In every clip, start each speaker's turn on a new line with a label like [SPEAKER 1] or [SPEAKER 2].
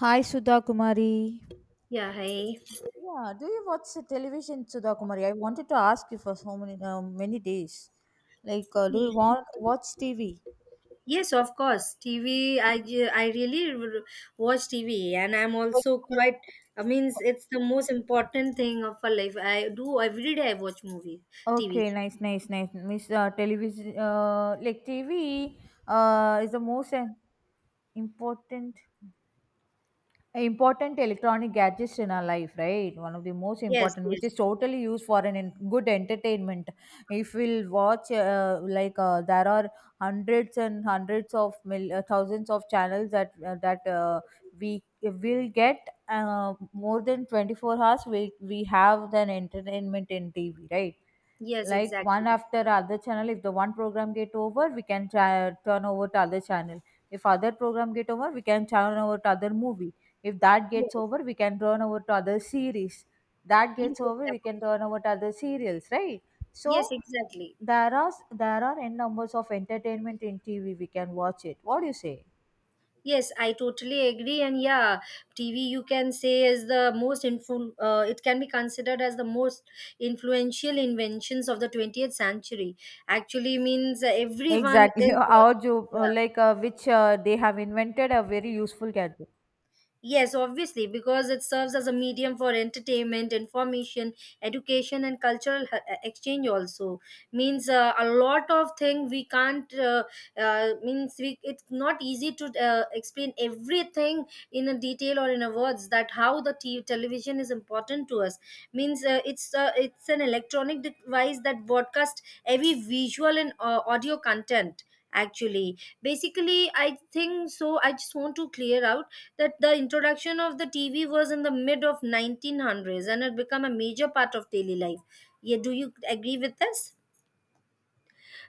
[SPEAKER 1] Hi, Sudha Kumari.
[SPEAKER 2] Yeah, hi.
[SPEAKER 1] Yeah, do you watch the television, Sudha Kumari? I wanted to ask you for so many many days. Do you
[SPEAKER 2] Y-
[SPEAKER 1] want watch TV?
[SPEAKER 2] Yes, of course. TV, I really watch TV and I'm
[SPEAKER 1] Like,
[SPEAKER 2] also quite, I mean, it's the most important thing of our life. I do every day I watch movies, TV.
[SPEAKER 1] okay, nice, nice, nice. Miss television, like TV, is the most uh, important important electronic gadgets in our life, right? One of the most
[SPEAKER 2] Yes,
[SPEAKER 1] important, which
[SPEAKER 2] yes,
[SPEAKER 1] is totally used for an good entertainment. If we'll watch there are hundreds and hundreds of thousands of channels that we will get, more than 24 hours we have an entertainment in TV, right?
[SPEAKER 2] yes,
[SPEAKER 1] Like one
[SPEAKER 2] exactly.
[SPEAKER 1] after other channel, if the one program get over, we can try, turn over to other channel. If other program get over, we can turn over to other movie. If that
[SPEAKER 2] Yes,
[SPEAKER 1] gets over, we can turn over to other series. That
[SPEAKER 2] yes,
[SPEAKER 1] gets over, we
[SPEAKER 2] exactly.
[SPEAKER 1] can turn over to other serials, right?
[SPEAKER 2] Yes,
[SPEAKER 1] So
[SPEAKER 2] exactly.
[SPEAKER 1] there are, n numbers of entertainment in TV we can watch it. What do you say?
[SPEAKER 2] Yes, I totally agree. And yeah, TV you can say is the most it can be considered as the most influential inventions of the 20th century. Actually means everyone
[SPEAKER 1] Exactly.
[SPEAKER 2] is
[SPEAKER 1] Our jo,
[SPEAKER 2] uh,
[SPEAKER 1] like which they have invented a very useful gadget.
[SPEAKER 2] yes, obviously, because it serves as a medium for entertainment, information, education, and cultural exchange. Also, means a lot of thing we can't. Means we it's not easy to explain everything in a detail or in a words that how the television is important to us. Means it's an electronic device that broadcasts every visual and audio content. Actually, basically, I think so. I just want to clear out that the introduction of the TV was in the mid of 1900s, and it became a major part of daily life. Yeah, do you agree with this?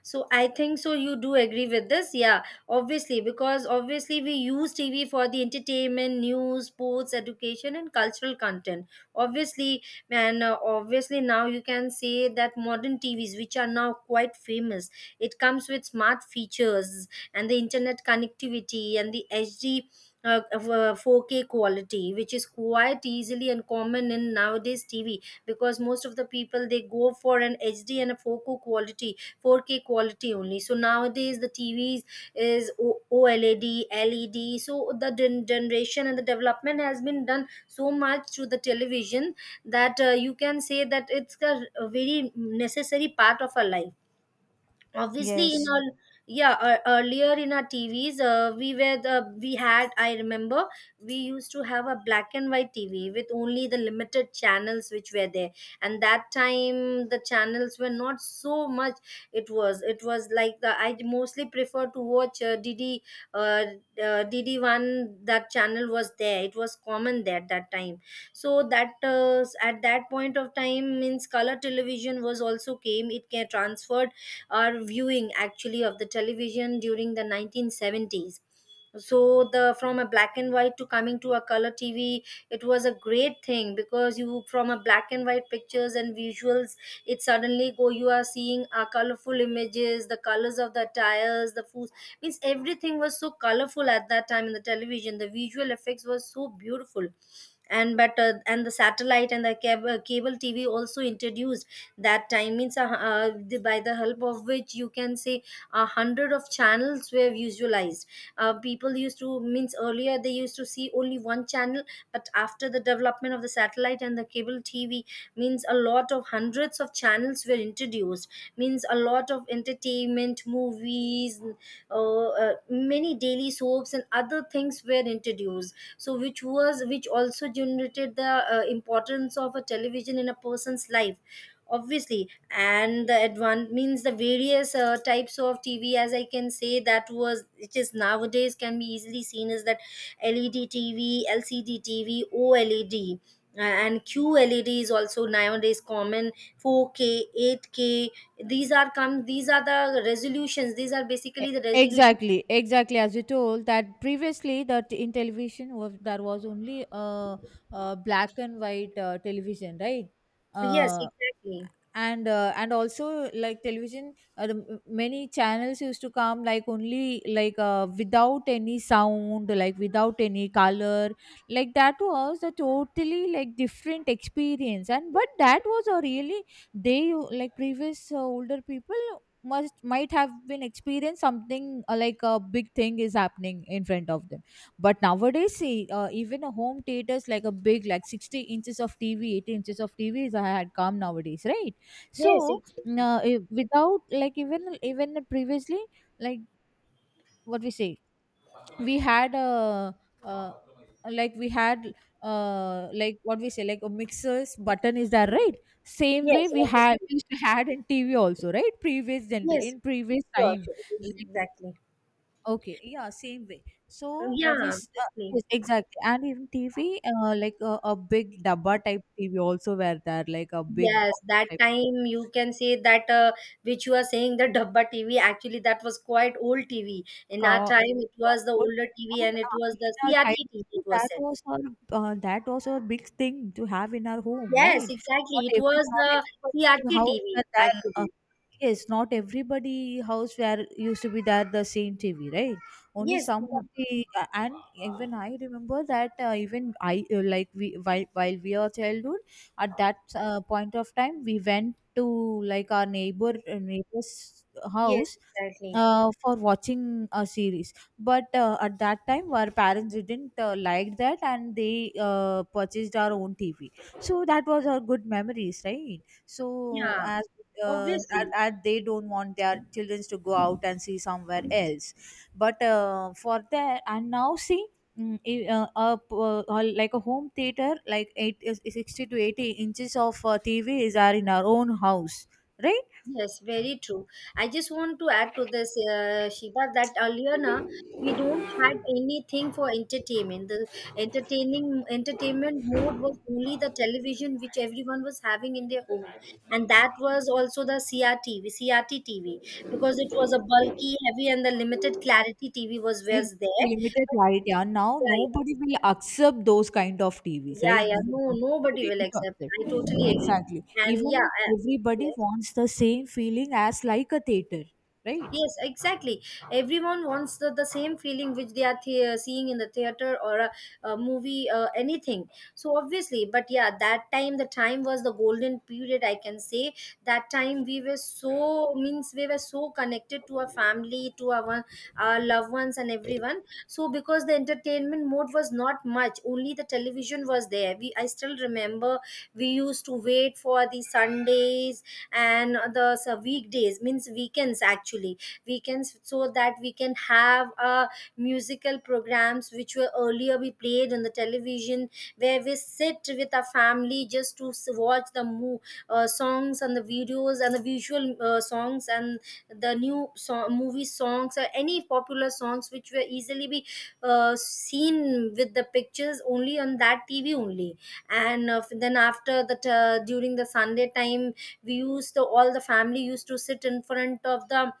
[SPEAKER 2] So I think so you do agree with this. Yeah, obviously, because obviously we use TV for the entertainment, news, sports, education, and cultural content. Obviously. And obviously now you can say that modern TVs, which are now quite famous, it comes with smart features and the internet connectivity and the HD 4K quality, which is quite easily and common in nowadays TV, because most of the people they go for an HD and a 4K quality only. So nowadays the TVs is OLED, LED. So the generation and the development has been done so much through the television that you can say that it's a very necessary part of our life obviously in
[SPEAKER 1] Yes,
[SPEAKER 2] our. Yeah, earlier in our TVs we were the we had, I remember we used to have a black and white TV with only the limited channels which were there, and that time the channels were not so much. It was it was like the I mostly prefer to watch dd DD1. That channel was there, it was common there at that time. So that at that point of time means color television was also came, it can transfer or viewing actually of the television during the 1970s. So the from a black and white to coming to a color TV, it was a great thing because you, from a black and white pictures and visuals, it suddenly go you are seeing a colorful images, the colors of the tires, the food, means everything was so colorful at that time in the television. The visual effects was so beautiful. And the satellite and the cable TV also introduced that time, means by the help of which you can say a hundred of channels were visualized. People used to, means earlier they used to see only one channel, but after the development of the satellite and the cable TV, means a lot of hundreds of channels were introduced, means a lot of entertainment, movies, many daily soaps and other things were introduced, so which was which also generated the importance of a television in a person's life obviously. And the advan means the various types of TV, as I can say, that was it is nowadays can be easily seen as that LED TV, LCD TV, OLED and QLED is also nowadays common. 4K 8K, these are come, these are the resolutions, these are basically the resolution.
[SPEAKER 1] Exactly, exactly. As you told that previously, that in television was there was only black and white television, right?
[SPEAKER 2] Yes,
[SPEAKER 1] Uh,
[SPEAKER 2] exactly.
[SPEAKER 1] and also like television, the many channels used to come, like only like without any sound, like without any color. Like that was a totally like different experience. And but that was a really, they like previous older people must might have been experienced something like a big thing is happening in front of them. But nowadays see, even a home theaters, like a big, like 60 inches of TV, 80 inches of TV is had come nowadays, right?
[SPEAKER 2] Yes,
[SPEAKER 1] So
[SPEAKER 2] exactly.
[SPEAKER 1] without like, even even previously, like, what we say, we had a, uh, like we had, like what we say, like a mixer's button is there, right? Same way
[SPEAKER 2] Yes,
[SPEAKER 1] we had,
[SPEAKER 2] obviously.
[SPEAKER 1] we used to had in TV also, right? Previous gener,
[SPEAKER 2] Yes,
[SPEAKER 1] in previous
[SPEAKER 2] sure,
[SPEAKER 1] time,
[SPEAKER 2] sure,
[SPEAKER 1] like,
[SPEAKER 2] exactly.
[SPEAKER 1] okay, yeah, same way. So what we
[SPEAKER 2] Yeah, totally.
[SPEAKER 1] yes, exactly. And in TV, a big dabba type TV also were there, like a big
[SPEAKER 2] Yes,
[SPEAKER 1] box
[SPEAKER 2] that
[SPEAKER 1] type
[SPEAKER 2] time you can say that which you are saying the Dabba TV, actually that was quite old TV. In our
[SPEAKER 1] cow
[SPEAKER 2] time, it was the
[SPEAKER 1] told.
[SPEAKER 2] older TV
[SPEAKER 1] And
[SPEAKER 2] and it was the
[SPEAKER 1] in our
[SPEAKER 2] CRT TV, it
[SPEAKER 1] childhood
[SPEAKER 2] was
[SPEAKER 1] that
[SPEAKER 2] said.
[SPEAKER 1] was our, that was our big thing to have in our home,
[SPEAKER 2] Yes,
[SPEAKER 1] right?
[SPEAKER 2] exactly.
[SPEAKER 1] Not
[SPEAKER 2] It
[SPEAKER 1] every,
[SPEAKER 2] was
[SPEAKER 1] not
[SPEAKER 2] the
[SPEAKER 1] everybody's
[SPEAKER 2] CRT
[SPEAKER 1] house
[SPEAKER 2] TV
[SPEAKER 1] were there.
[SPEAKER 2] actually.
[SPEAKER 1] Yes, not everybody house where used to be there the same TV, right? Only
[SPEAKER 2] Yes,
[SPEAKER 1] some of the and even I remember that even I like we, while we are childhood at that point of time, we went to, like our neighbor neighbor's
[SPEAKER 2] yes,
[SPEAKER 1] house
[SPEAKER 2] exactly.
[SPEAKER 1] for watching a series. But at that time our parents didn't like that, and they purchased our own TV. So that was our good memories, right? So
[SPEAKER 2] Yeah,
[SPEAKER 1] as
[SPEAKER 2] obviously.
[SPEAKER 1] at they don't want their children to go out and see somewhere else. But for that, and now see, like a home theater, like eight, 60 to 80 inches of TV is are in our own house, right?
[SPEAKER 2] Yes, very true. I just want to add to this, Shiva, that earlier na, we don't had anything for entertainment. The entertaining entertainment mode was only the television which everyone was having in their home, and that was also the CRTV, CRT TV, because it was a bulky, heavy, and the limited clarity TV was
[SPEAKER 1] Ex,
[SPEAKER 2] was there.
[SPEAKER 1] limited
[SPEAKER 2] But
[SPEAKER 1] light, yeah. Now
[SPEAKER 2] yeah,
[SPEAKER 1] nobody will accept those kind of TVs,
[SPEAKER 2] yeah, yeah,
[SPEAKER 1] right?
[SPEAKER 2] yeah.
[SPEAKER 1] Nobody
[SPEAKER 2] No,
[SPEAKER 1] will be
[SPEAKER 2] nobody
[SPEAKER 1] ready
[SPEAKER 2] will
[SPEAKER 1] to
[SPEAKER 2] accept. I totally
[SPEAKER 1] accept.
[SPEAKER 2] agree.
[SPEAKER 1] Exactly.
[SPEAKER 2] And yeah,
[SPEAKER 1] Even
[SPEAKER 2] I,
[SPEAKER 1] everybody
[SPEAKER 2] yes.
[SPEAKER 1] wants the same feeling as like a theater, right?
[SPEAKER 2] Yes, exactly. Everyone wants the same feeling which they are seeing in the theater or a movie, anything. So obviously, but yeah, that time the time was the golden period. I can say that time we were so means we were so connected to our family, to our loved ones and everyone. So because the entertainment mode was not much, only the television was there. We I still remember we used to wait for the Sundays and the weekdays, means weekends actually, weekends, so that we can have musical programs which were earlier we played on the television, where we sit with our family just to watch the songs and the videos and the visual songs and the new song movie songs or any popular songs which were easily be seen with the pictures only on that TV only. And then after that during the Sunday time, we used to, all the family used to sit in front of the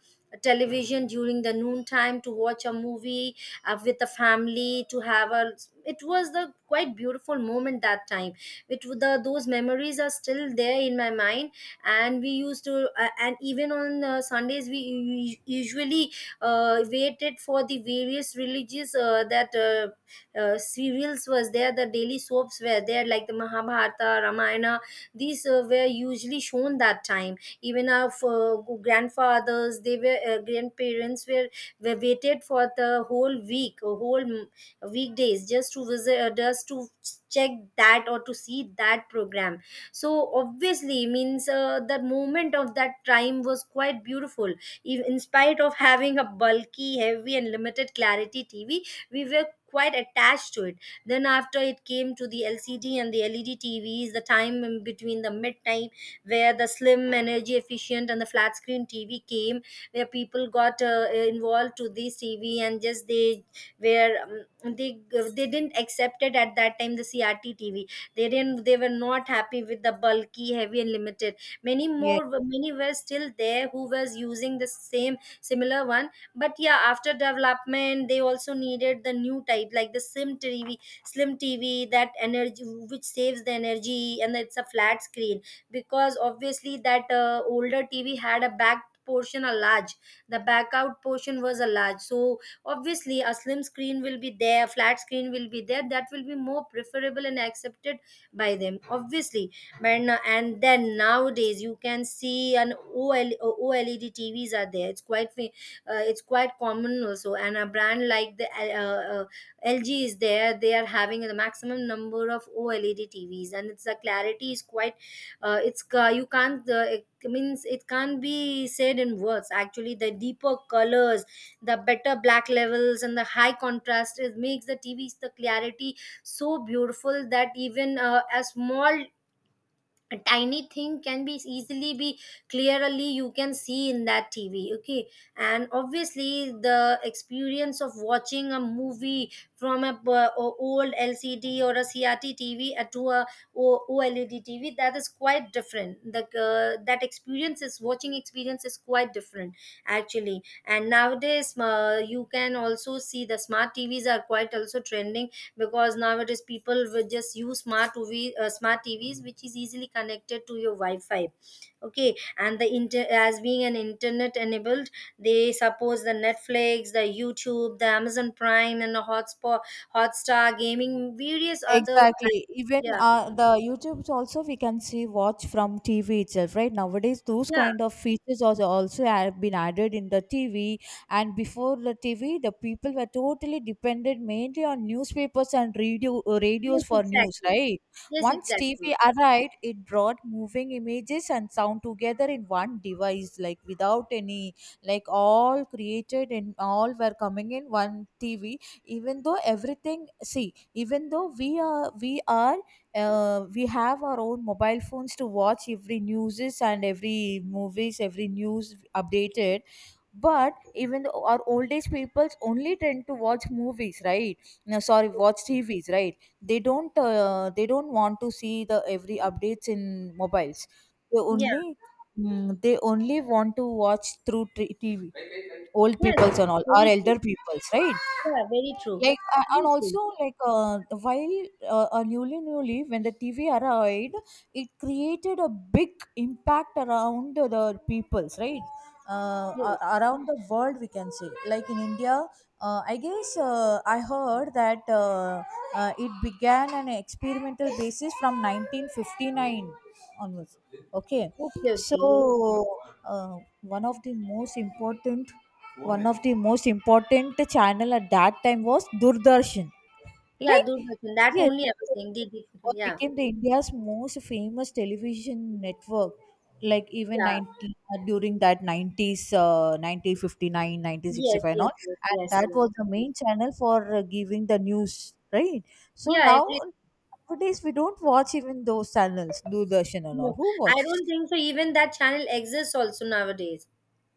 [SPEAKER 2] television during the noon time to watch a movie with the family to have a, it was the quite beautiful moment that time. The those memories are still there in my mind, and we used to and even on Sundays we usually waited for the various religious that serials was there, the daily soaps were there, like the Mahabharata, Ramayana. These were usually shown that time. Even our grandfathers they were grandparents were waited for the whole week or whole weekdays just to visit just to check that or to see that program. So obviously means the moment of that time was quite beautiful. In spite of having a bulky, heavy and limited clarity TV, we were quite attached to it. Then after it came to the LCD and the LED TVs, the time in between the midtime, where the slim, energy efficient and the flat screen TV came, where people got involved to this TV and just they were they didn't accept it at that time the CRT TV. They didn't, they were not happy with the bulky, heavy and limited. Many more, many were still there who was using the same similar one. But yeah, after development they also needed the new type, like the slim TV, that energy which saves the energy and it's a flat screen. Because obviously that older TV had a back portion a large, the back out portion was a large. So obviously a slim screen will be there, flat screen will be there, that will be more preferable and accepted by them obviously. But and then nowadays you can see an OLED TVs are there. It's quite it's quite common also. And a brand like the LG is there. They are having the maximum number of OLED TVs, and it's the clarity is quite. You can't. It means it can't be said in words. Actually, the deeper colors, the better black levels, and the high contrast is makes the TVs the clarity so beautiful that even a small a tiny thing can be easily be clearly you can see in that TV. Okay. And obviously the experience of watching a movie from a, old LCD or a CRT TV to a OLED TV, that is quite different. The that experience is watching experience is quite different actually. And nowadays you can also see the smart TVs are quite also trending, because nowadays people will just use smart TV, smart TVs, which is easily connected to your Wi-Fi. Okay, and the as being an internet enabled, they suppose the Netflix, the YouTube, the Amazon Prime, and the Hotspot, Hotstar, gaming, various other.
[SPEAKER 1] Exactly. Even
[SPEAKER 2] Yeah,
[SPEAKER 1] the YouTube's also we can see watch from TV itself, right? Nowadays, those
[SPEAKER 2] yeah,
[SPEAKER 1] kind of features also have been added in the TV. And before the TV, the people were totally dependent mainly on newspapers and
[SPEAKER 2] yes,
[SPEAKER 1] radios for news,
[SPEAKER 2] exactly.
[SPEAKER 1] right?
[SPEAKER 2] Yes,
[SPEAKER 1] Once
[SPEAKER 2] exactly.
[SPEAKER 1] TV arrived, it brought moving images and sound together in one device, like without any, like all created and all were coming in one TV. Even though everything, see, even though we are, we have our own mobile phones to watch every newses and every movies, every news updated. But even though our old age peoples only tend to watch movies, right? No, sorry, watch TVs, right? They don't they don't want to see the every updates in mobiles. They
[SPEAKER 2] Yeah,
[SPEAKER 1] only, they only want to watch through TV, old
[SPEAKER 2] yes,
[SPEAKER 1] peoples and all our
[SPEAKER 2] very true.
[SPEAKER 1] elder peoples, right?
[SPEAKER 2] Yeah, very true.
[SPEAKER 1] Like, and
[SPEAKER 2] Obviously,
[SPEAKER 1] also like, while newly newly when the TV arrived, it created a big impact around the peoples, right?
[SPEAKER 2] yes.
[SPEAKER 1] Around the world, we can say, like in India, I guess, I heard that it began an experimental basis from 1959 onwards, okay?
[SPEAKER 2] Okay,
[SPEAKER 1] So
[SPEAKER 2] okay, yes.
[SPEAKER 1] uh, one of the most important one of the most important channel at that time was Doordarshan,
[SPEAKER 2] Yeah,
[SPEAKER 1] like,
[SPEAKER 2] Doordarshan. That only I was
[SPEAKER 1] yes,
[SPEAKER 2] saying. Did,
[SPEAKER 1] what
[SPEAKER 2] yeah,
[SPEAKER 1] became the India's most famous television network. Like even
[SPEAKER 2] yeah.
[SPEAKER 1] 90, during that 90s, 1959
[SPEAKER 2] Yes,
[SPEAKER 1] and
[SPEAKER 2] yes,
[SPEAKER 1] all.
[SPEAKER 2] yes,
[SPEAKER 1] And
[SPEAKER 2] yes,
[SPEAKER 1] that
[SPEAKER 2] yes.
[SPEAKER 1] was the main channel for giving the news, right? So
[SPEAKER 2] Yeah,
[SPEAKER 1] now,
[SPEAKER 2] everything.
[SPEAKER 1] nowadays we don't watch even those channels Doordarshan and all.
[SPEAKER 2] No,
[SPEAKER 1] Who
[SPEAKER 2] I
[SPEAKER 1] watches?
[SPEAKER 2] don't think so. Even that channel exists also nowadays.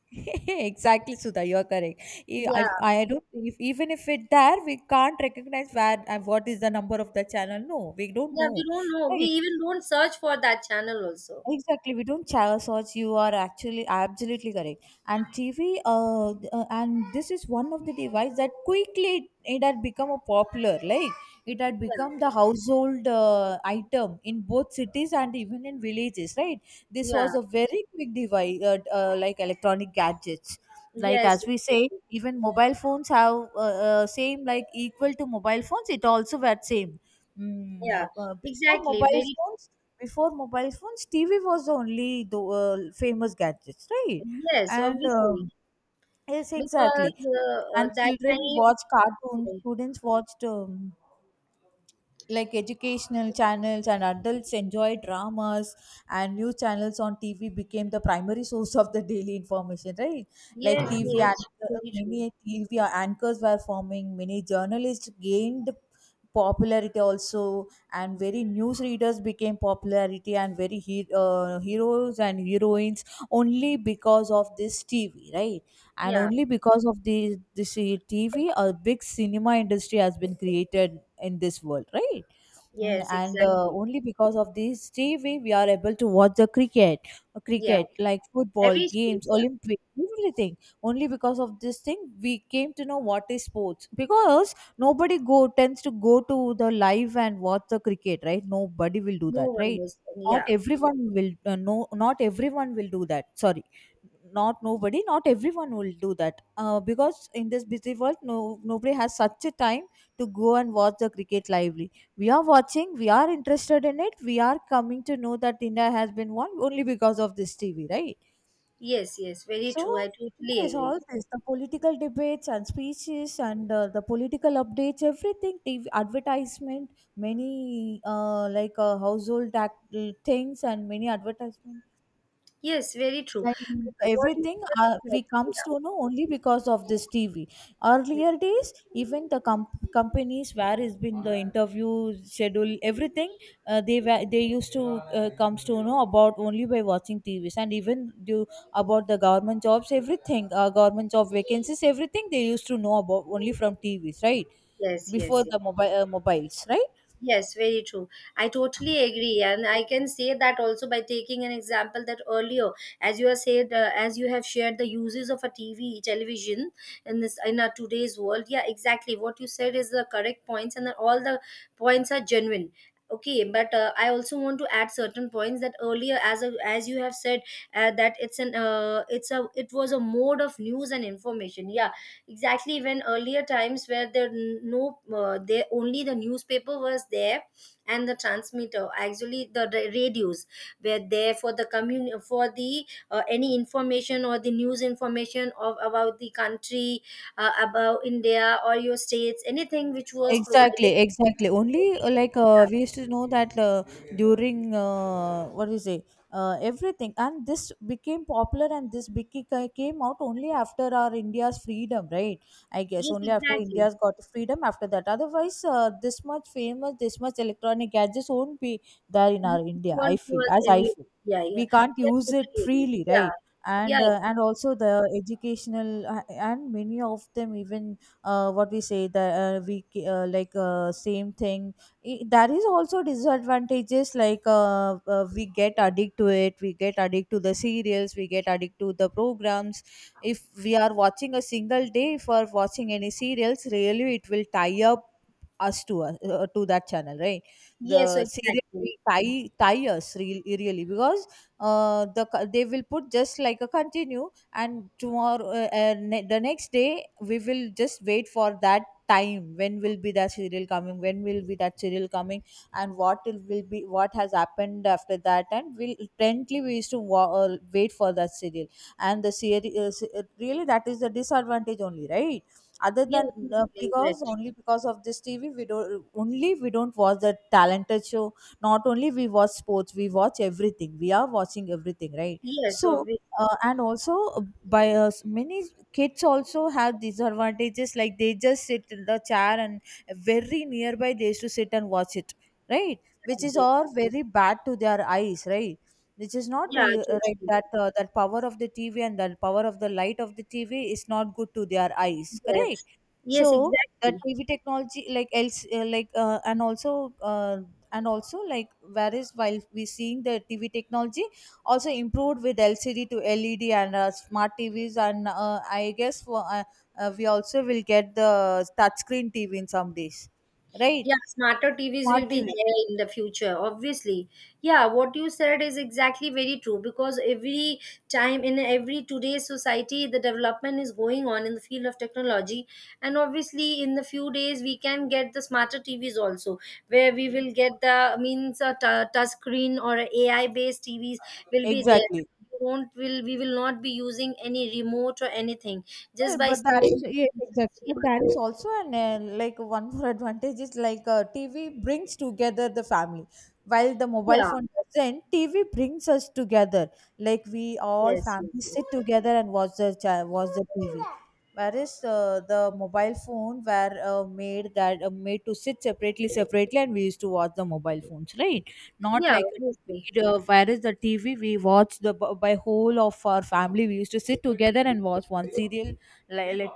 [SPEAKER 1] Exactly, Sudha, you're correct.
[SPEAKER 2] Yeah,
[SPEAKER 1] I, don't, if, even if it there, we can't recognize where and what is the number of the channel. No, we don't
[SPEAKER 2] yeah, we
[SPEAKER 1] know.
[SPEAKER 2] don't know. We
[SPEAKER 1] Right?
[SPEAKER 2] even don't search for that channel also.
[SPEAKER 1] Exactly, we don't channel search. You are actually absolutely correct. And TV, and this is one of the device that quickly it had become a popular. Like it had
[SPEAKER 2] Yeah,
[SPEAKER 1] become the household item in both cities and even in villages. Right, this
[SPEAKER 2] yeah,
[SPEAKER 1] was a very quick device, like electronic gadgets. Like
[SPEAKER 2] yes,
[SPEAKER 1] as we
[SPEAKER 2] yes,
[SPEAKER 1] say,
[SPEAKER 2] yes.
[SPEAKER 1] even mobile phones have same like equal to mobile phones. It also had same. Mm,
[SPEAKER 2] Yeah,
[SPEAKER 1] uh, uh, before
[SPEAKER 2] exactly.
[SPEAKER 1] mobile
[SPEAKER 2] Very,
[SPEAKER 1] phones before mobile phones, TV was the only the famous gadgets, right?
[SPEAKER 2] yes,
[SPEAKER 1] And
[SPEAKER 2] obviously.
[SPEAKER 1] yes, exactly.
[SPEAKER 2] Because
[SPEAKER 1] And
[SPEAKER 2] that
[SPEAKER 1] children
[SPEAKER 2] time,
[SPEAKER 1] watch cartoons, students watched, like, educational channels, and adults enjoy dramas and news channels on TV became the primary source of the daily information, right? Like
[SPEAKER 2] yes,
[SPEAKER 1] TV
[SPEAKER 2] yes,
[SPEAKER 1] and
[SPEAKER 2] very true.
[SPEAKER 1] many TV anchors were forming, many journalists gained popularity also, and very newsreaders became popularity, and very heroes and heroines only because of this TV, right? And
[SPEAKER 2] Yeah,
[SPEAKER 1] only because of the this TV, a big cinema industry has been created in this world, right? Mm,
[SPEAKER 2] yes,
[SPEAKER 1] and
[SPEAKER 2] exactly.
[SPEAKER 1] only because of this TV, we are able to watch the cricket,
[SPEAKER 2] Yeah,
[SPEAKER 1] like football,
[SPEAKER 2] every school,
[SPEAKER 1] games,
[SPEAKER 2] yeah.
[SPEAKER 1] Olympics, everything. Only because of this thing, we came to know what is sports. Because nobody go tends to go to the live and watch the cricket, right? Nobody will do
[SPEAKER 2] No
[SPEAKER 1] that,
[SPEAKER 2] one
[SPEAKER 1] right?
[SPEAKER 2] was,
[SPEAKER 1] Not
[SPEAKER 2] yeah,
[SPEAKER 1] everyone will, no, not everyone will do that. Sorry, not nobody, not everyone will do that, because in this busy world, no, nobody has such a time to go and watch the cricket lively. We are watching, we are interested in it, we are coming to know that India has been won only because of this TV, right?
[SPEAKER 2] yes, yes, very
[SPEAKER 1] So,
[SPEAKER 2] true. I totally
[SPEAKER 1] yes,
[SPEAKER 2] agree.
[SPEAKER 1] all this, the political debates and speeches and the political updates, everything, TV advertisement, many household things, and many advertisement
[SPEAKER 2] Yes, very true.
[SPEAKER 1] like in
[SPEAKER 2] What you
[SPEAKER 1] everything
[SPEAKER 2] said is
[SPEAKER 1] we
[SPEAKER 2] correct,
[SPEAKER 1] comes
[SPEAKER 2] yeah.
[SPEAKER 1] to know only because of this TV. Earlier days, even the companies where has been the interview schedule, everything, they used to comes to know about only by watching TVs. And even do about the government jobs, everything, government job vacancies, everything, they used to know about only from TVs, right?
[SPEAKER 2] Yes,
[SPEAKER 1] Before
[SPEAKER 2] yes, yes.
[SPEAKER 1] the mobiles, right?
[SPEAKER 2] Yes, very true. I totally agree, and I can say that also by taking an example that earlier, as you have said, as you have shared the uses of a TV, television in this in our today's world. Yeah, exactly. What you said is the correct points, and that all the points are genuine. Okay, but I also want to add certain points that earlier, as you have said, that it was a mode of news and information. Yeah, exactly. When earlier times where there no there only the newspaper was there, and the transmitter, actually the radios, were there for the any information or the news information of about the country, about India or your states, anything which was
[SPEAKER 1] Exactly,
[SPEAKER 2] provided to
[SPEAKER 1] exactly.
[SPEAKER 2] the
[SPEAKER 1] Only
[SPEAKER 2] people.
[SPEAKER 1] we used to know that during what do you say, everything. And this became popular, and this became came out only after our India's freedom, right? I
[SPEAKER 2] Yeah.
[SPEAKER 1] guess
[SPEAKER 2] Yes,
[SPEAKER 1] only after
[SPEAKER 2] exactly.
[SPEAKER 1] India's got freedom. After that, otherwise, this much famous, this much electronic gadgets won't be there in our India.
[SPEAKER 2] One
[SPEAKER 1] I feel,
[SPEAKER 2] was
[SPEAKER 1] as I
[SPEAKER 2] every.
[SPEAKER 1] feel,
[SPEAKER 2] Yeah, yeah.
[SPEAKER 1] we can't
[SPEAKER 2] Yeah,
[SPEAKER 1] use it
[SPEAKER 2] totally agree.
[SPEAKER 1] freely,
[SPEAKER 2] Yeah.
[SPEAKER 1] right? And
[SPEAKER 2] Yeah,
[SPEAKER 1] uh, and also the educational, and many of them even what we say that we ca- like same thing. There is also disadvantages, like we get addicted to it, we get addicted to the serials, we get addicted to the programs. If we are watching a single day for watching any serials, really it will tie up us to to that channel, right?
[SPEAKER 2] yes,
[SPEAKER 1] The serial
[SPEAKER 2] exactly.
[SPEAKER 1] will tie us really, because they will put just like a continue. And tomorrow, the next day we will just wait for that time. When will be that serial coming, when will be that serial coming, and what it will be, what has happened after that? And we'll intently, we used to wait for that serial. And really, that is the disadvantage only, right? Other
[SPEAKER 2] Yeah,
[SPEAKER 1] than
[SPEAKER 2] totally
[SPEAKER 1] because,
[SPEAKER 2] right.
[SPEAKER 1] only because of this TV, we don't, only we don't watch the talented show, not only we watch sports, we watch everything, we are watching everything, right?
[SPEAKER 2] Yes,
[SPEAKER 1] So
[SPEAKER 2] obviously.
[SPEAKER 1] and also, many kids also have disadvantages, like they just sit in the chair and very nearby they used to sit and watch it, right? Which
[SPEAKER 2] I
[SPEAKER 1] is
[SPEAKER 2] see.
[SPEAKER 1] all very bad to their eyes, right? Which is not
[SPEAKER 2] Yeah,
[SPEAKER 1] right,
[SPEAKER 2] totally.
[SPEAKER 1] that that power of the TV and that power of the light of the TV is not good to their eyes,
[SPEAKER 2] Yes.
[SPEAKER 1] correct?
[SPEAKER 2] Yes,
[SPEAKER 1] So the
[SPEAKER 2] exactly.
[SPEAKER 1] TV technology, like else like and also like whereas while we seeing the TV technology also improved with LCD to LED and smart TVs. And I guess for, we also will get the touchscreen TV in some days, right?
[SPEAKER 2] Yeah, smarter TVs
[SPEAKER 1] Smart
[SPEAKER 2] will be
[SPEAKER 1] TV,
[SPEAKER 2] there in the future, obviously. Yeah, what you said is exactly very true because every time in every today's society, the development is going on in the field of technology. And obviously, in the few days, we can get the smarter TVs also, where we will get the means a touch screen or AI based TVs will be there.
[SPEAKER 1] exactly.
[SPEAKER 2] We will not be using any remote or anything just
[SPEAKER 1] Well,
[SPEAKER 2] by
[SPEAKER 1] but that is,
[SPEAKER 2] saying.
[SPEAKER 1] yeah, exactly. But that is also an like one more advantage, is like TV brings together the family, while the mobile
[SPEAKER 2] Yeah,
[SPEAKER 1] phone doesn't. TV brings us together. Like we all
[SPEAKER 2] yes, yes,
[SPEAKER 1] family
[SPEAKER 2] yes.
[SPEAKER 1] sit together and watch the watch the TV. Whereas the mobile phone were made to sit separately, separately, and we used to watch the mobile phones, right? Not
[SPEAKER 2] Yeah,
[SPEAKER 1] like a TV.
[SPEAKER 2] obviously.
[SPEAKER 1] It, whereas the TV, we watch the by whole of our family. We used to sit together and watch one serial, like, let,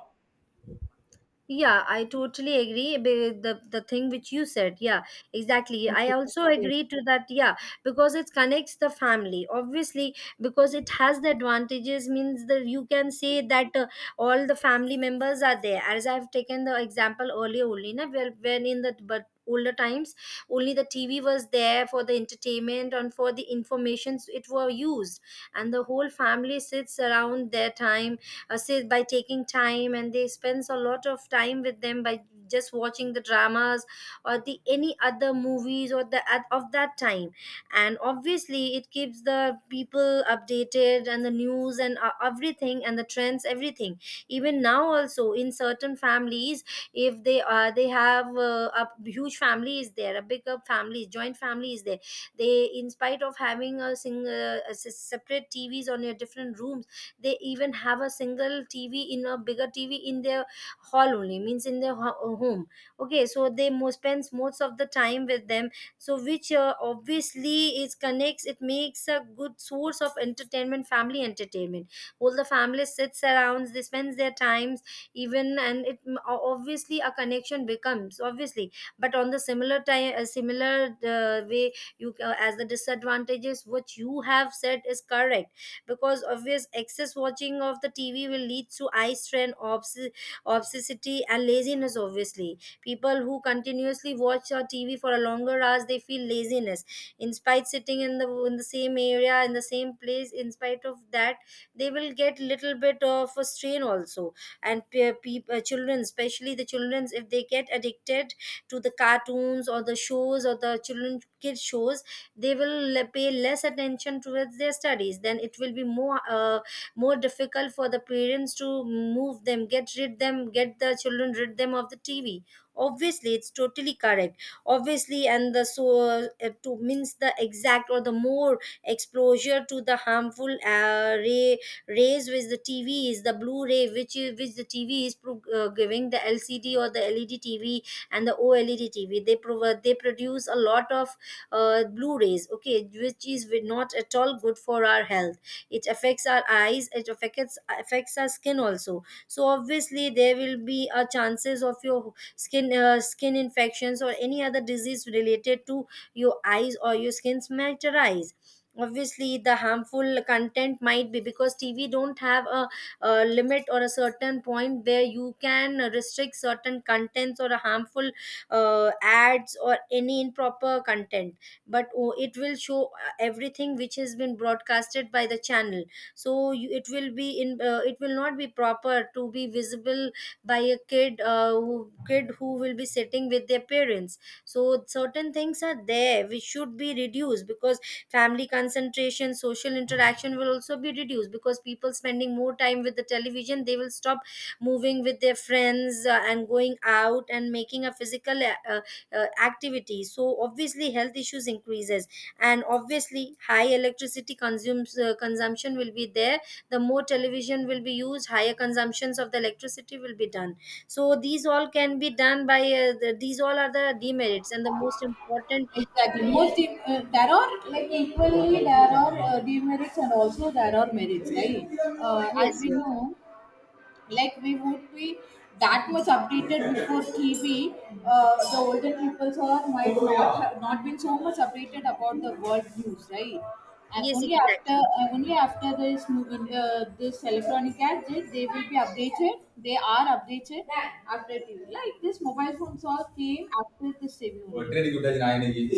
[SPEAKER 2] Yeah, I totally agree with the thing which you said. Yeah, exactly. I
[SPEAKER 1] okay.
[SPEAKER 2] also
[SPEAKER 1] Yes.
[SPEAKER 2] agree to that. Yeah, because it connects the family. Obviously, because it has the advantages, means that you can say that all the family members are there. As I've taken the example earlier only, na, where when in the but older times only the TV was there for the entertainment and for the informations it were used, and the whole family sits around their time, say by taking time, and they spends a lot of time with them by just watching the dramas or the any other movies or the at, of that time. And obviously it keeps the people updated, and the news and everything and the trends everything. Even now also in certain families, if they are, they have a huge family is there, a bigger family, joint family is there, they in spite of having a single a separate T V's on your different rooms, they even have a single TV, in a bigger TV, in their hall only, means in their home. Okay, so they spends most of the time with them. So which obviously is connects, it makes a good source of entertainment, family entertainment. All the family sits around, they spends their times even, and it obviously a connection becomes obviously. But on the similar time, a similar way, you as the disadvantages what you have said is correct, because obvious excess watching of the TV will lead to eye strain, obsessity and laziness. Obviously, people who continuously watch TV for a longer hours, they feel laziness in spite sitting in the same area, in the same place, in spite of that they will get little bit of a strain also. And people, children, especially the children, if they get addicted to the cartoons or the shows or the children kids shows, they will pay less attention towards their studies, then it will be more more difficult for the parents to move them, get rid them, get the children rid them of the TV. Obviously, it's totally correct. Obviously, and the so to means the exact or the more exposure to the harmful rays which the TV is, the blue ray which is, which the TV is giving, the LCD or the LED TV and the OLED TV, they provide, they produce a lot of blue rays. Okay, which is not at all good for our health. It affects our eyes, it affects our skin also. So obviously there will be a chances of your skin skin infections or any other disease related to your eyes or your skin's materialize. Obviously the harmful content might be, because TV don't have a limit or a certain point where you can restrict certain contents or a harmful ads or any improper content. But oh, it will show everything which has been broadcasted by the channel. So you, it will be in it will not be proper to be visible by a kid who will be sitting with their parents. So certain things are there which should be reduced, because family concentration, social interaction will also be reduced, because people spending more time with the television, they will stop moving with their friends and going out and making a physical uh, activity. So obviously health issues increases. And obviously high electricity consumes consumption will be there. The more television will be used, higher consumptions of the electricity will be done. So these all can be done by these all are the demerits and the most important
[SPEAKER 1] Exactly.
[SPEAKER 2] demerit,
[SPEAKER 1] There are like, equally there are demerits and also there are merits, right? As
[SPEAKER 2] yes,
[SPEAKER 1] we
[SPEAKER 2] yes,
[SPEAKER 1] know, like, we would be that much updated before TV. The older people or might not have not been so much updated about the world news, right? And
[SPEAKER 2] yes,
[SPEAKER 1] only after,
[SPEAKER 2] exactly.
[SPEAKER 1] only after this this electronic gadget, they will be updated. They are updated after TV. Like this mobile phones all came after the same only.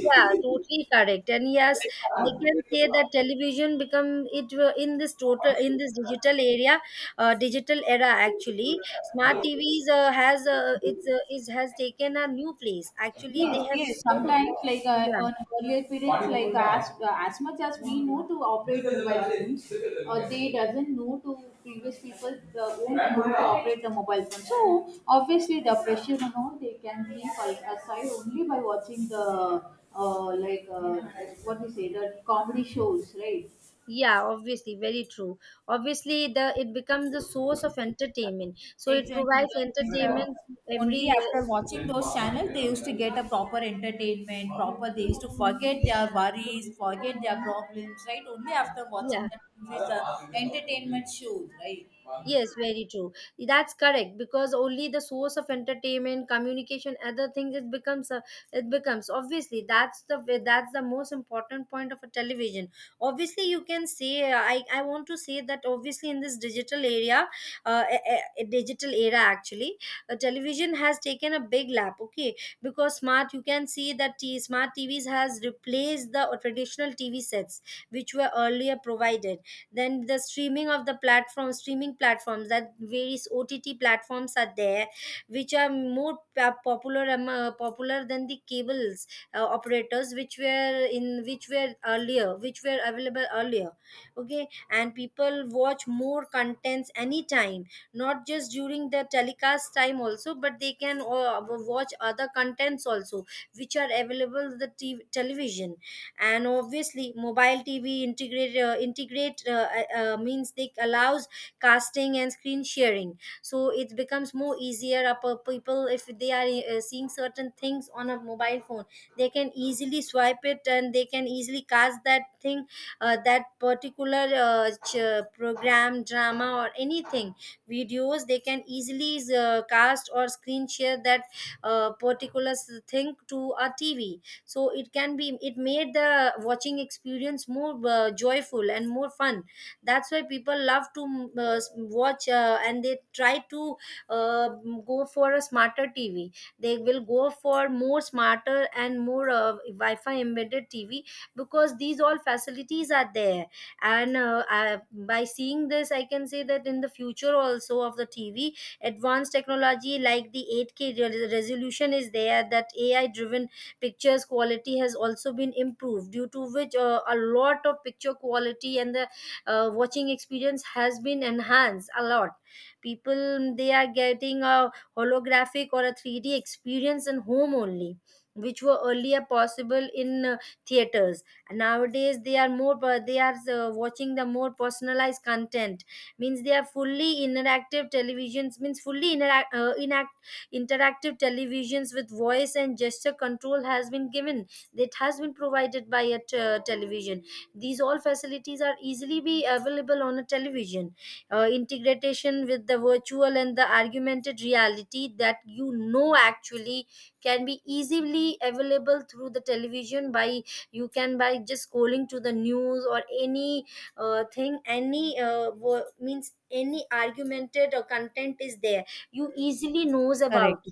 [SPEAKER 2] Yeah, totally correct. And yes, I can say that television become in this total in this digital area, digital era actually. Smart TVs has it's it has taken a new place. Actually, they
[SPEAKER 1] Yes,
[SPEAKER 2] have
[SPEAKER 1] yes.
[SPEAKER 2] replaced.
[SPEAKER 1] Sometimes, like
[SPEAKER 2] Yeah,
[SPEAKER 1] on earlier periods, like as much as we know to operate the mobile phones, or they doesn't know to, previous people the won't know to operate the mobile phone. So obviously, the pressure and all they can leave aside only by watching the uh, like uh, what we say, the comedy shows, right?
[SPEAKER 2] yeah, obviously, very true. Obviously, the it becomes the source of entertainment. So it
[SPEAKER 1] Exactly.
[SPEAKER 2] provides
[SPEAKER 1] The, uh,
[SPEAKER 2] entertainment to
[SPEAKER 1] Only
[SPEAKER 2] every.
[SPEAKER 1] after
[SPEAKER 2] Uh,
[SPEAKER 1] watching those channels, they used to get a proper entertainment, proper, they used to forget their worries, forget their problems, right? Only after
[SPEAKER 2] yeah.
[SPEAKER 1] watching that movies, the entertainment shows, right?
[SPEAKER 2] Yes, very true. That's correct because only the source of entertainment, communication, other things it becomes a, it becomes obviously that's the most important point of a television. Obviously, you can say I want to say that obviously in this digital area, a digital era actually, television has taken a big lap. Okay, because smart you can see that smart TVs has replaced the traditional TV sets which were earlier provided. Then the streaming of the platform, streaming platforms, that various OTT platforms are there, which are more popular than the cables operators, which were in which were earlier, which were available earlier. Okay, and people watch more contents anytime, not just during the telecast time also, but they can watch other contents also, which are available the television. And obviously mobile TV integrate means they allows casting and screen sharing. So it becomes more easier up people, if they are seeing certain things on a mobile phone, they can easily swipe it and they can easily cast that thing, that particular program, drama or anything, videos, they can easily cast or screen share that particular thing to a TV. So it can be, it made the watching experience more joyful and more fun. That's why people love to watch and they try to uh, go for a smarter TV. They will go for more smarter and more wi-fi embedded TV, because these all facilities are there. And I, by seeing this, I can say that in the future also of the TV, advanced technology like the 8K resolution is there, that AI driven pictures quality has also been improved, due to which a lot of picture quality and the watching experience has been enhanced a lot. People, they are getting a holographic or a 3D experience in home only, which were earlier possible in theaters. Nowadays they are more they are watching the more personalized content, means they are fully interactive televisions, means fully interactive televisions with voice and gesture control has been given, that has been provided by a television. These all facilities are easily be available on a television. Integration with the virtual and the augmented reality, that you know actually can be easily available through the television, by you can by just scrolling to the news or any thing, any means any augmented or content is there, you easily knows
[SPEAKER 1] Correct.
[SPEAKER 2] about.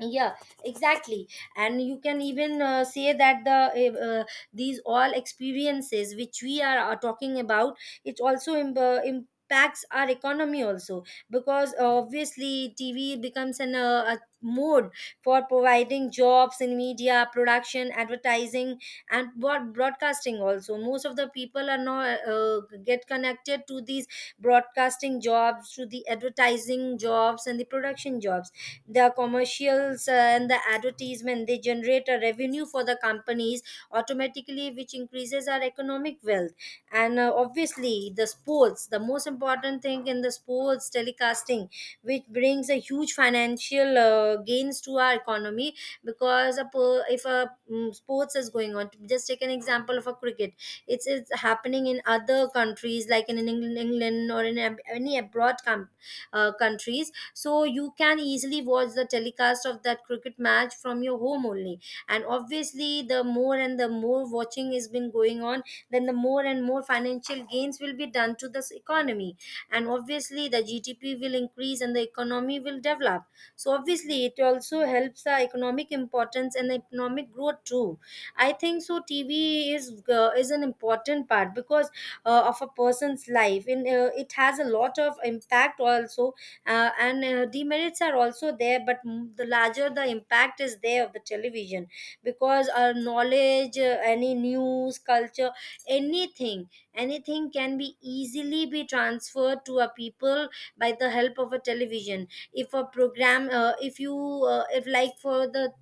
[SPEAKER 2] Yeah, exactly. And you can even say that the these all experiences which are talking about, it also impacts our economy also, because obviously TV becomes an a mode for providing jobs in media production, advertising and broadcasting also. Most of the people are not get connected to these broadcasting jobs, to the advertising jobs and the production jobs. The commercials and the advertisement, they generate a revenue for the companies automatically, which increases our economic wealth. And obviously the sports, the most important thing, in the sports telecasting, which brings a huge financial gains to our economy. Because if a sports is going on, just take an example of a cricket, it's happening in other countries like in England, England, or in any abroad countries. So you can easily watch the telecast of that cricket match from your home only. And obviously the more and the more watching has been going on, then the more and more financial gains will be done to this economy. And obviously the GDP will increase and the economy will develop. So obviously it also helps the economic importance and the economic growth too. I think so TV is is an important part, because of a person's life, and it has a lot of impact also, and demerits are also there, but the larger the impact is there of the television, because our knowledge, any news, culture, anything, anything can be easily be transferred to a people by the help of a television. If a program if like for the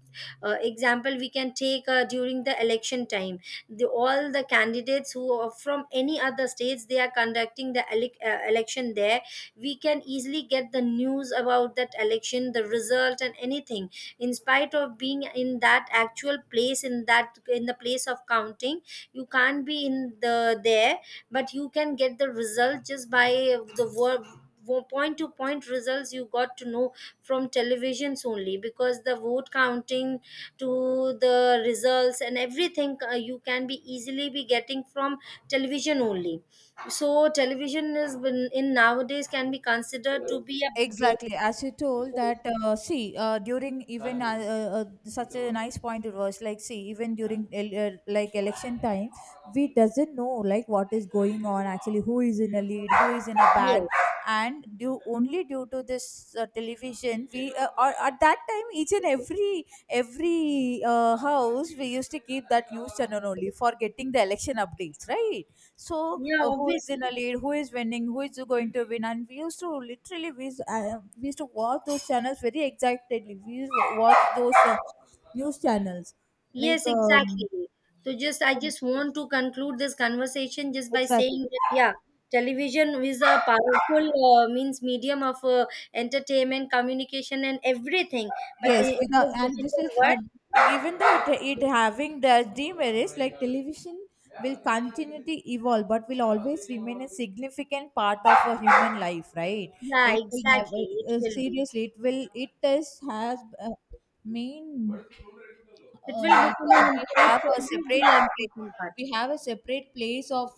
[SPEAKER 2] example we can take, during the election time, the all the candidates who are from any other states, they are conducting the election there, we can easily get the news about that election, the result and anything. In spite of being in that actual place, in that in the place of counting, you can't be in the there, but you can get the result just by the word, point to point results you got to know from televisions only, because the vote counting to the results and everything, you can be easily be getting from television only. So television is in nowadays can be considered to be a great
[SPEAKER 1] Exactly, as you told
[SPEAKER 2] source.
[SPEAKER 1] that, see, during even such a nice point. It was like, see, even during like election time, we doesn't know like what is going on actually, who is in a lead, who is in a bag.
[SPEAKER 2] Yes.
[SPEAKER 1] And due, only due to this television, we or, at that time each and every house, we used to keep that news channel only for getting the election updates, right? So
[SPEAKER 2] Yeah,
[SPEAKER 1] who is in a
[SPEAKER 2] obviously.
[SPEAKER 1] lead, who is winning, who is going to win. And we used to literally, we we used to watch those channels very excitedly, we used to watch those news channels, like
[SPEAKER 2] Yes, exactly. So just I just want to conclude this conversation just by
[SPEAKER 1] exactly.
[SPEAKER 2] saying that yeah, television is a powerful means medium of entertainment, communication, and everything. But
[SPEAKER 1] Yes,
[SPEAKER 2] in
[SPEAKER 1] without,
[SPEAKER 2] this
[SPEAKER 1] and this
[SPEAKER 2] digital
[SPEAKER 1] is
[SPEAKER 2] world,
[SPEAKER 1] even though it having the demerits, like television will continue to evolve but will always remain a significant part of a human life, right?
[SPEAKER 2] yeah,
[SPEAKER 1] It will
[SPEAKER 2] exactly,
[SPEAKER 1] never
[SPEAKER 2] it will be.
[SPEAKER 1] seriously, it will, it is has main,
[SPEAKER 2] It will
[SPEAKER 1] uh,
[SPEAKER 2] become an
[SPEAKER 1] we
[SPEAKER 2] important.
[SPEAKER 1] have a
[SPEAKER 2] It will be an important part.
[SPEAKER 1] we have a separate place of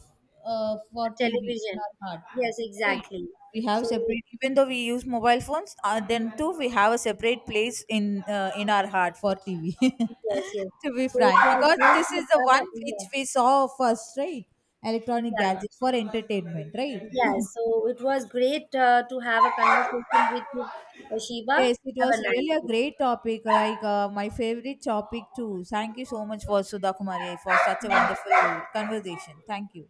[SPEAKER 1] for TV in
[SPEAKER 2] Television.
[SPEAKER 1] our heart.
[SPEAKER 2] Yes,
[SPEAKER 1] Right?
[SPEAKER 2] exactly.
[SPEAKER 1] We have
[SPEAKER 2] So.
[SPEAKER 1] separate, even though we use mobile phones, then too we have a separate place in our heart for TV.
[SPEAKER 2] Yes, yes.
[SPEAKER 1] To be
[SPEAKER 2] So it
[SPEAKER 1] frank,
[SPEAKER 2] was
[SPEAKER 1] because
[SPEAKER 2] great
[SPEAKER 1] this is
[SPEAKER 2] to
[SPEAKER 1] the
[SPEAKER 2] have
[SPEAKER 1] one which
[SPEAKER 2] a,
[SPEAKER 1] we saw first, right? Electronic
[SPEAKER 2] yeah,
[SPEAKER 1] gadgets for entertainment, right?
[SPEAKER 2] yeah, yeah. So it was great to have a conversation with you, Shiva.
[SPEAKER 1] Yes, it
[SPEAKER 2] Have
[SPEAKER 1] was
[SPEAKER 2] a
[SPEAKER 1] really a
[SPEAKER 2] nice
[SPEAKER 1] great topic, like my favorite topic too. Thank you so much for Sudha Kumari for such a
[SPEAKER 2] day.
[SPEAKER 1] wonderful conversation. Thank you.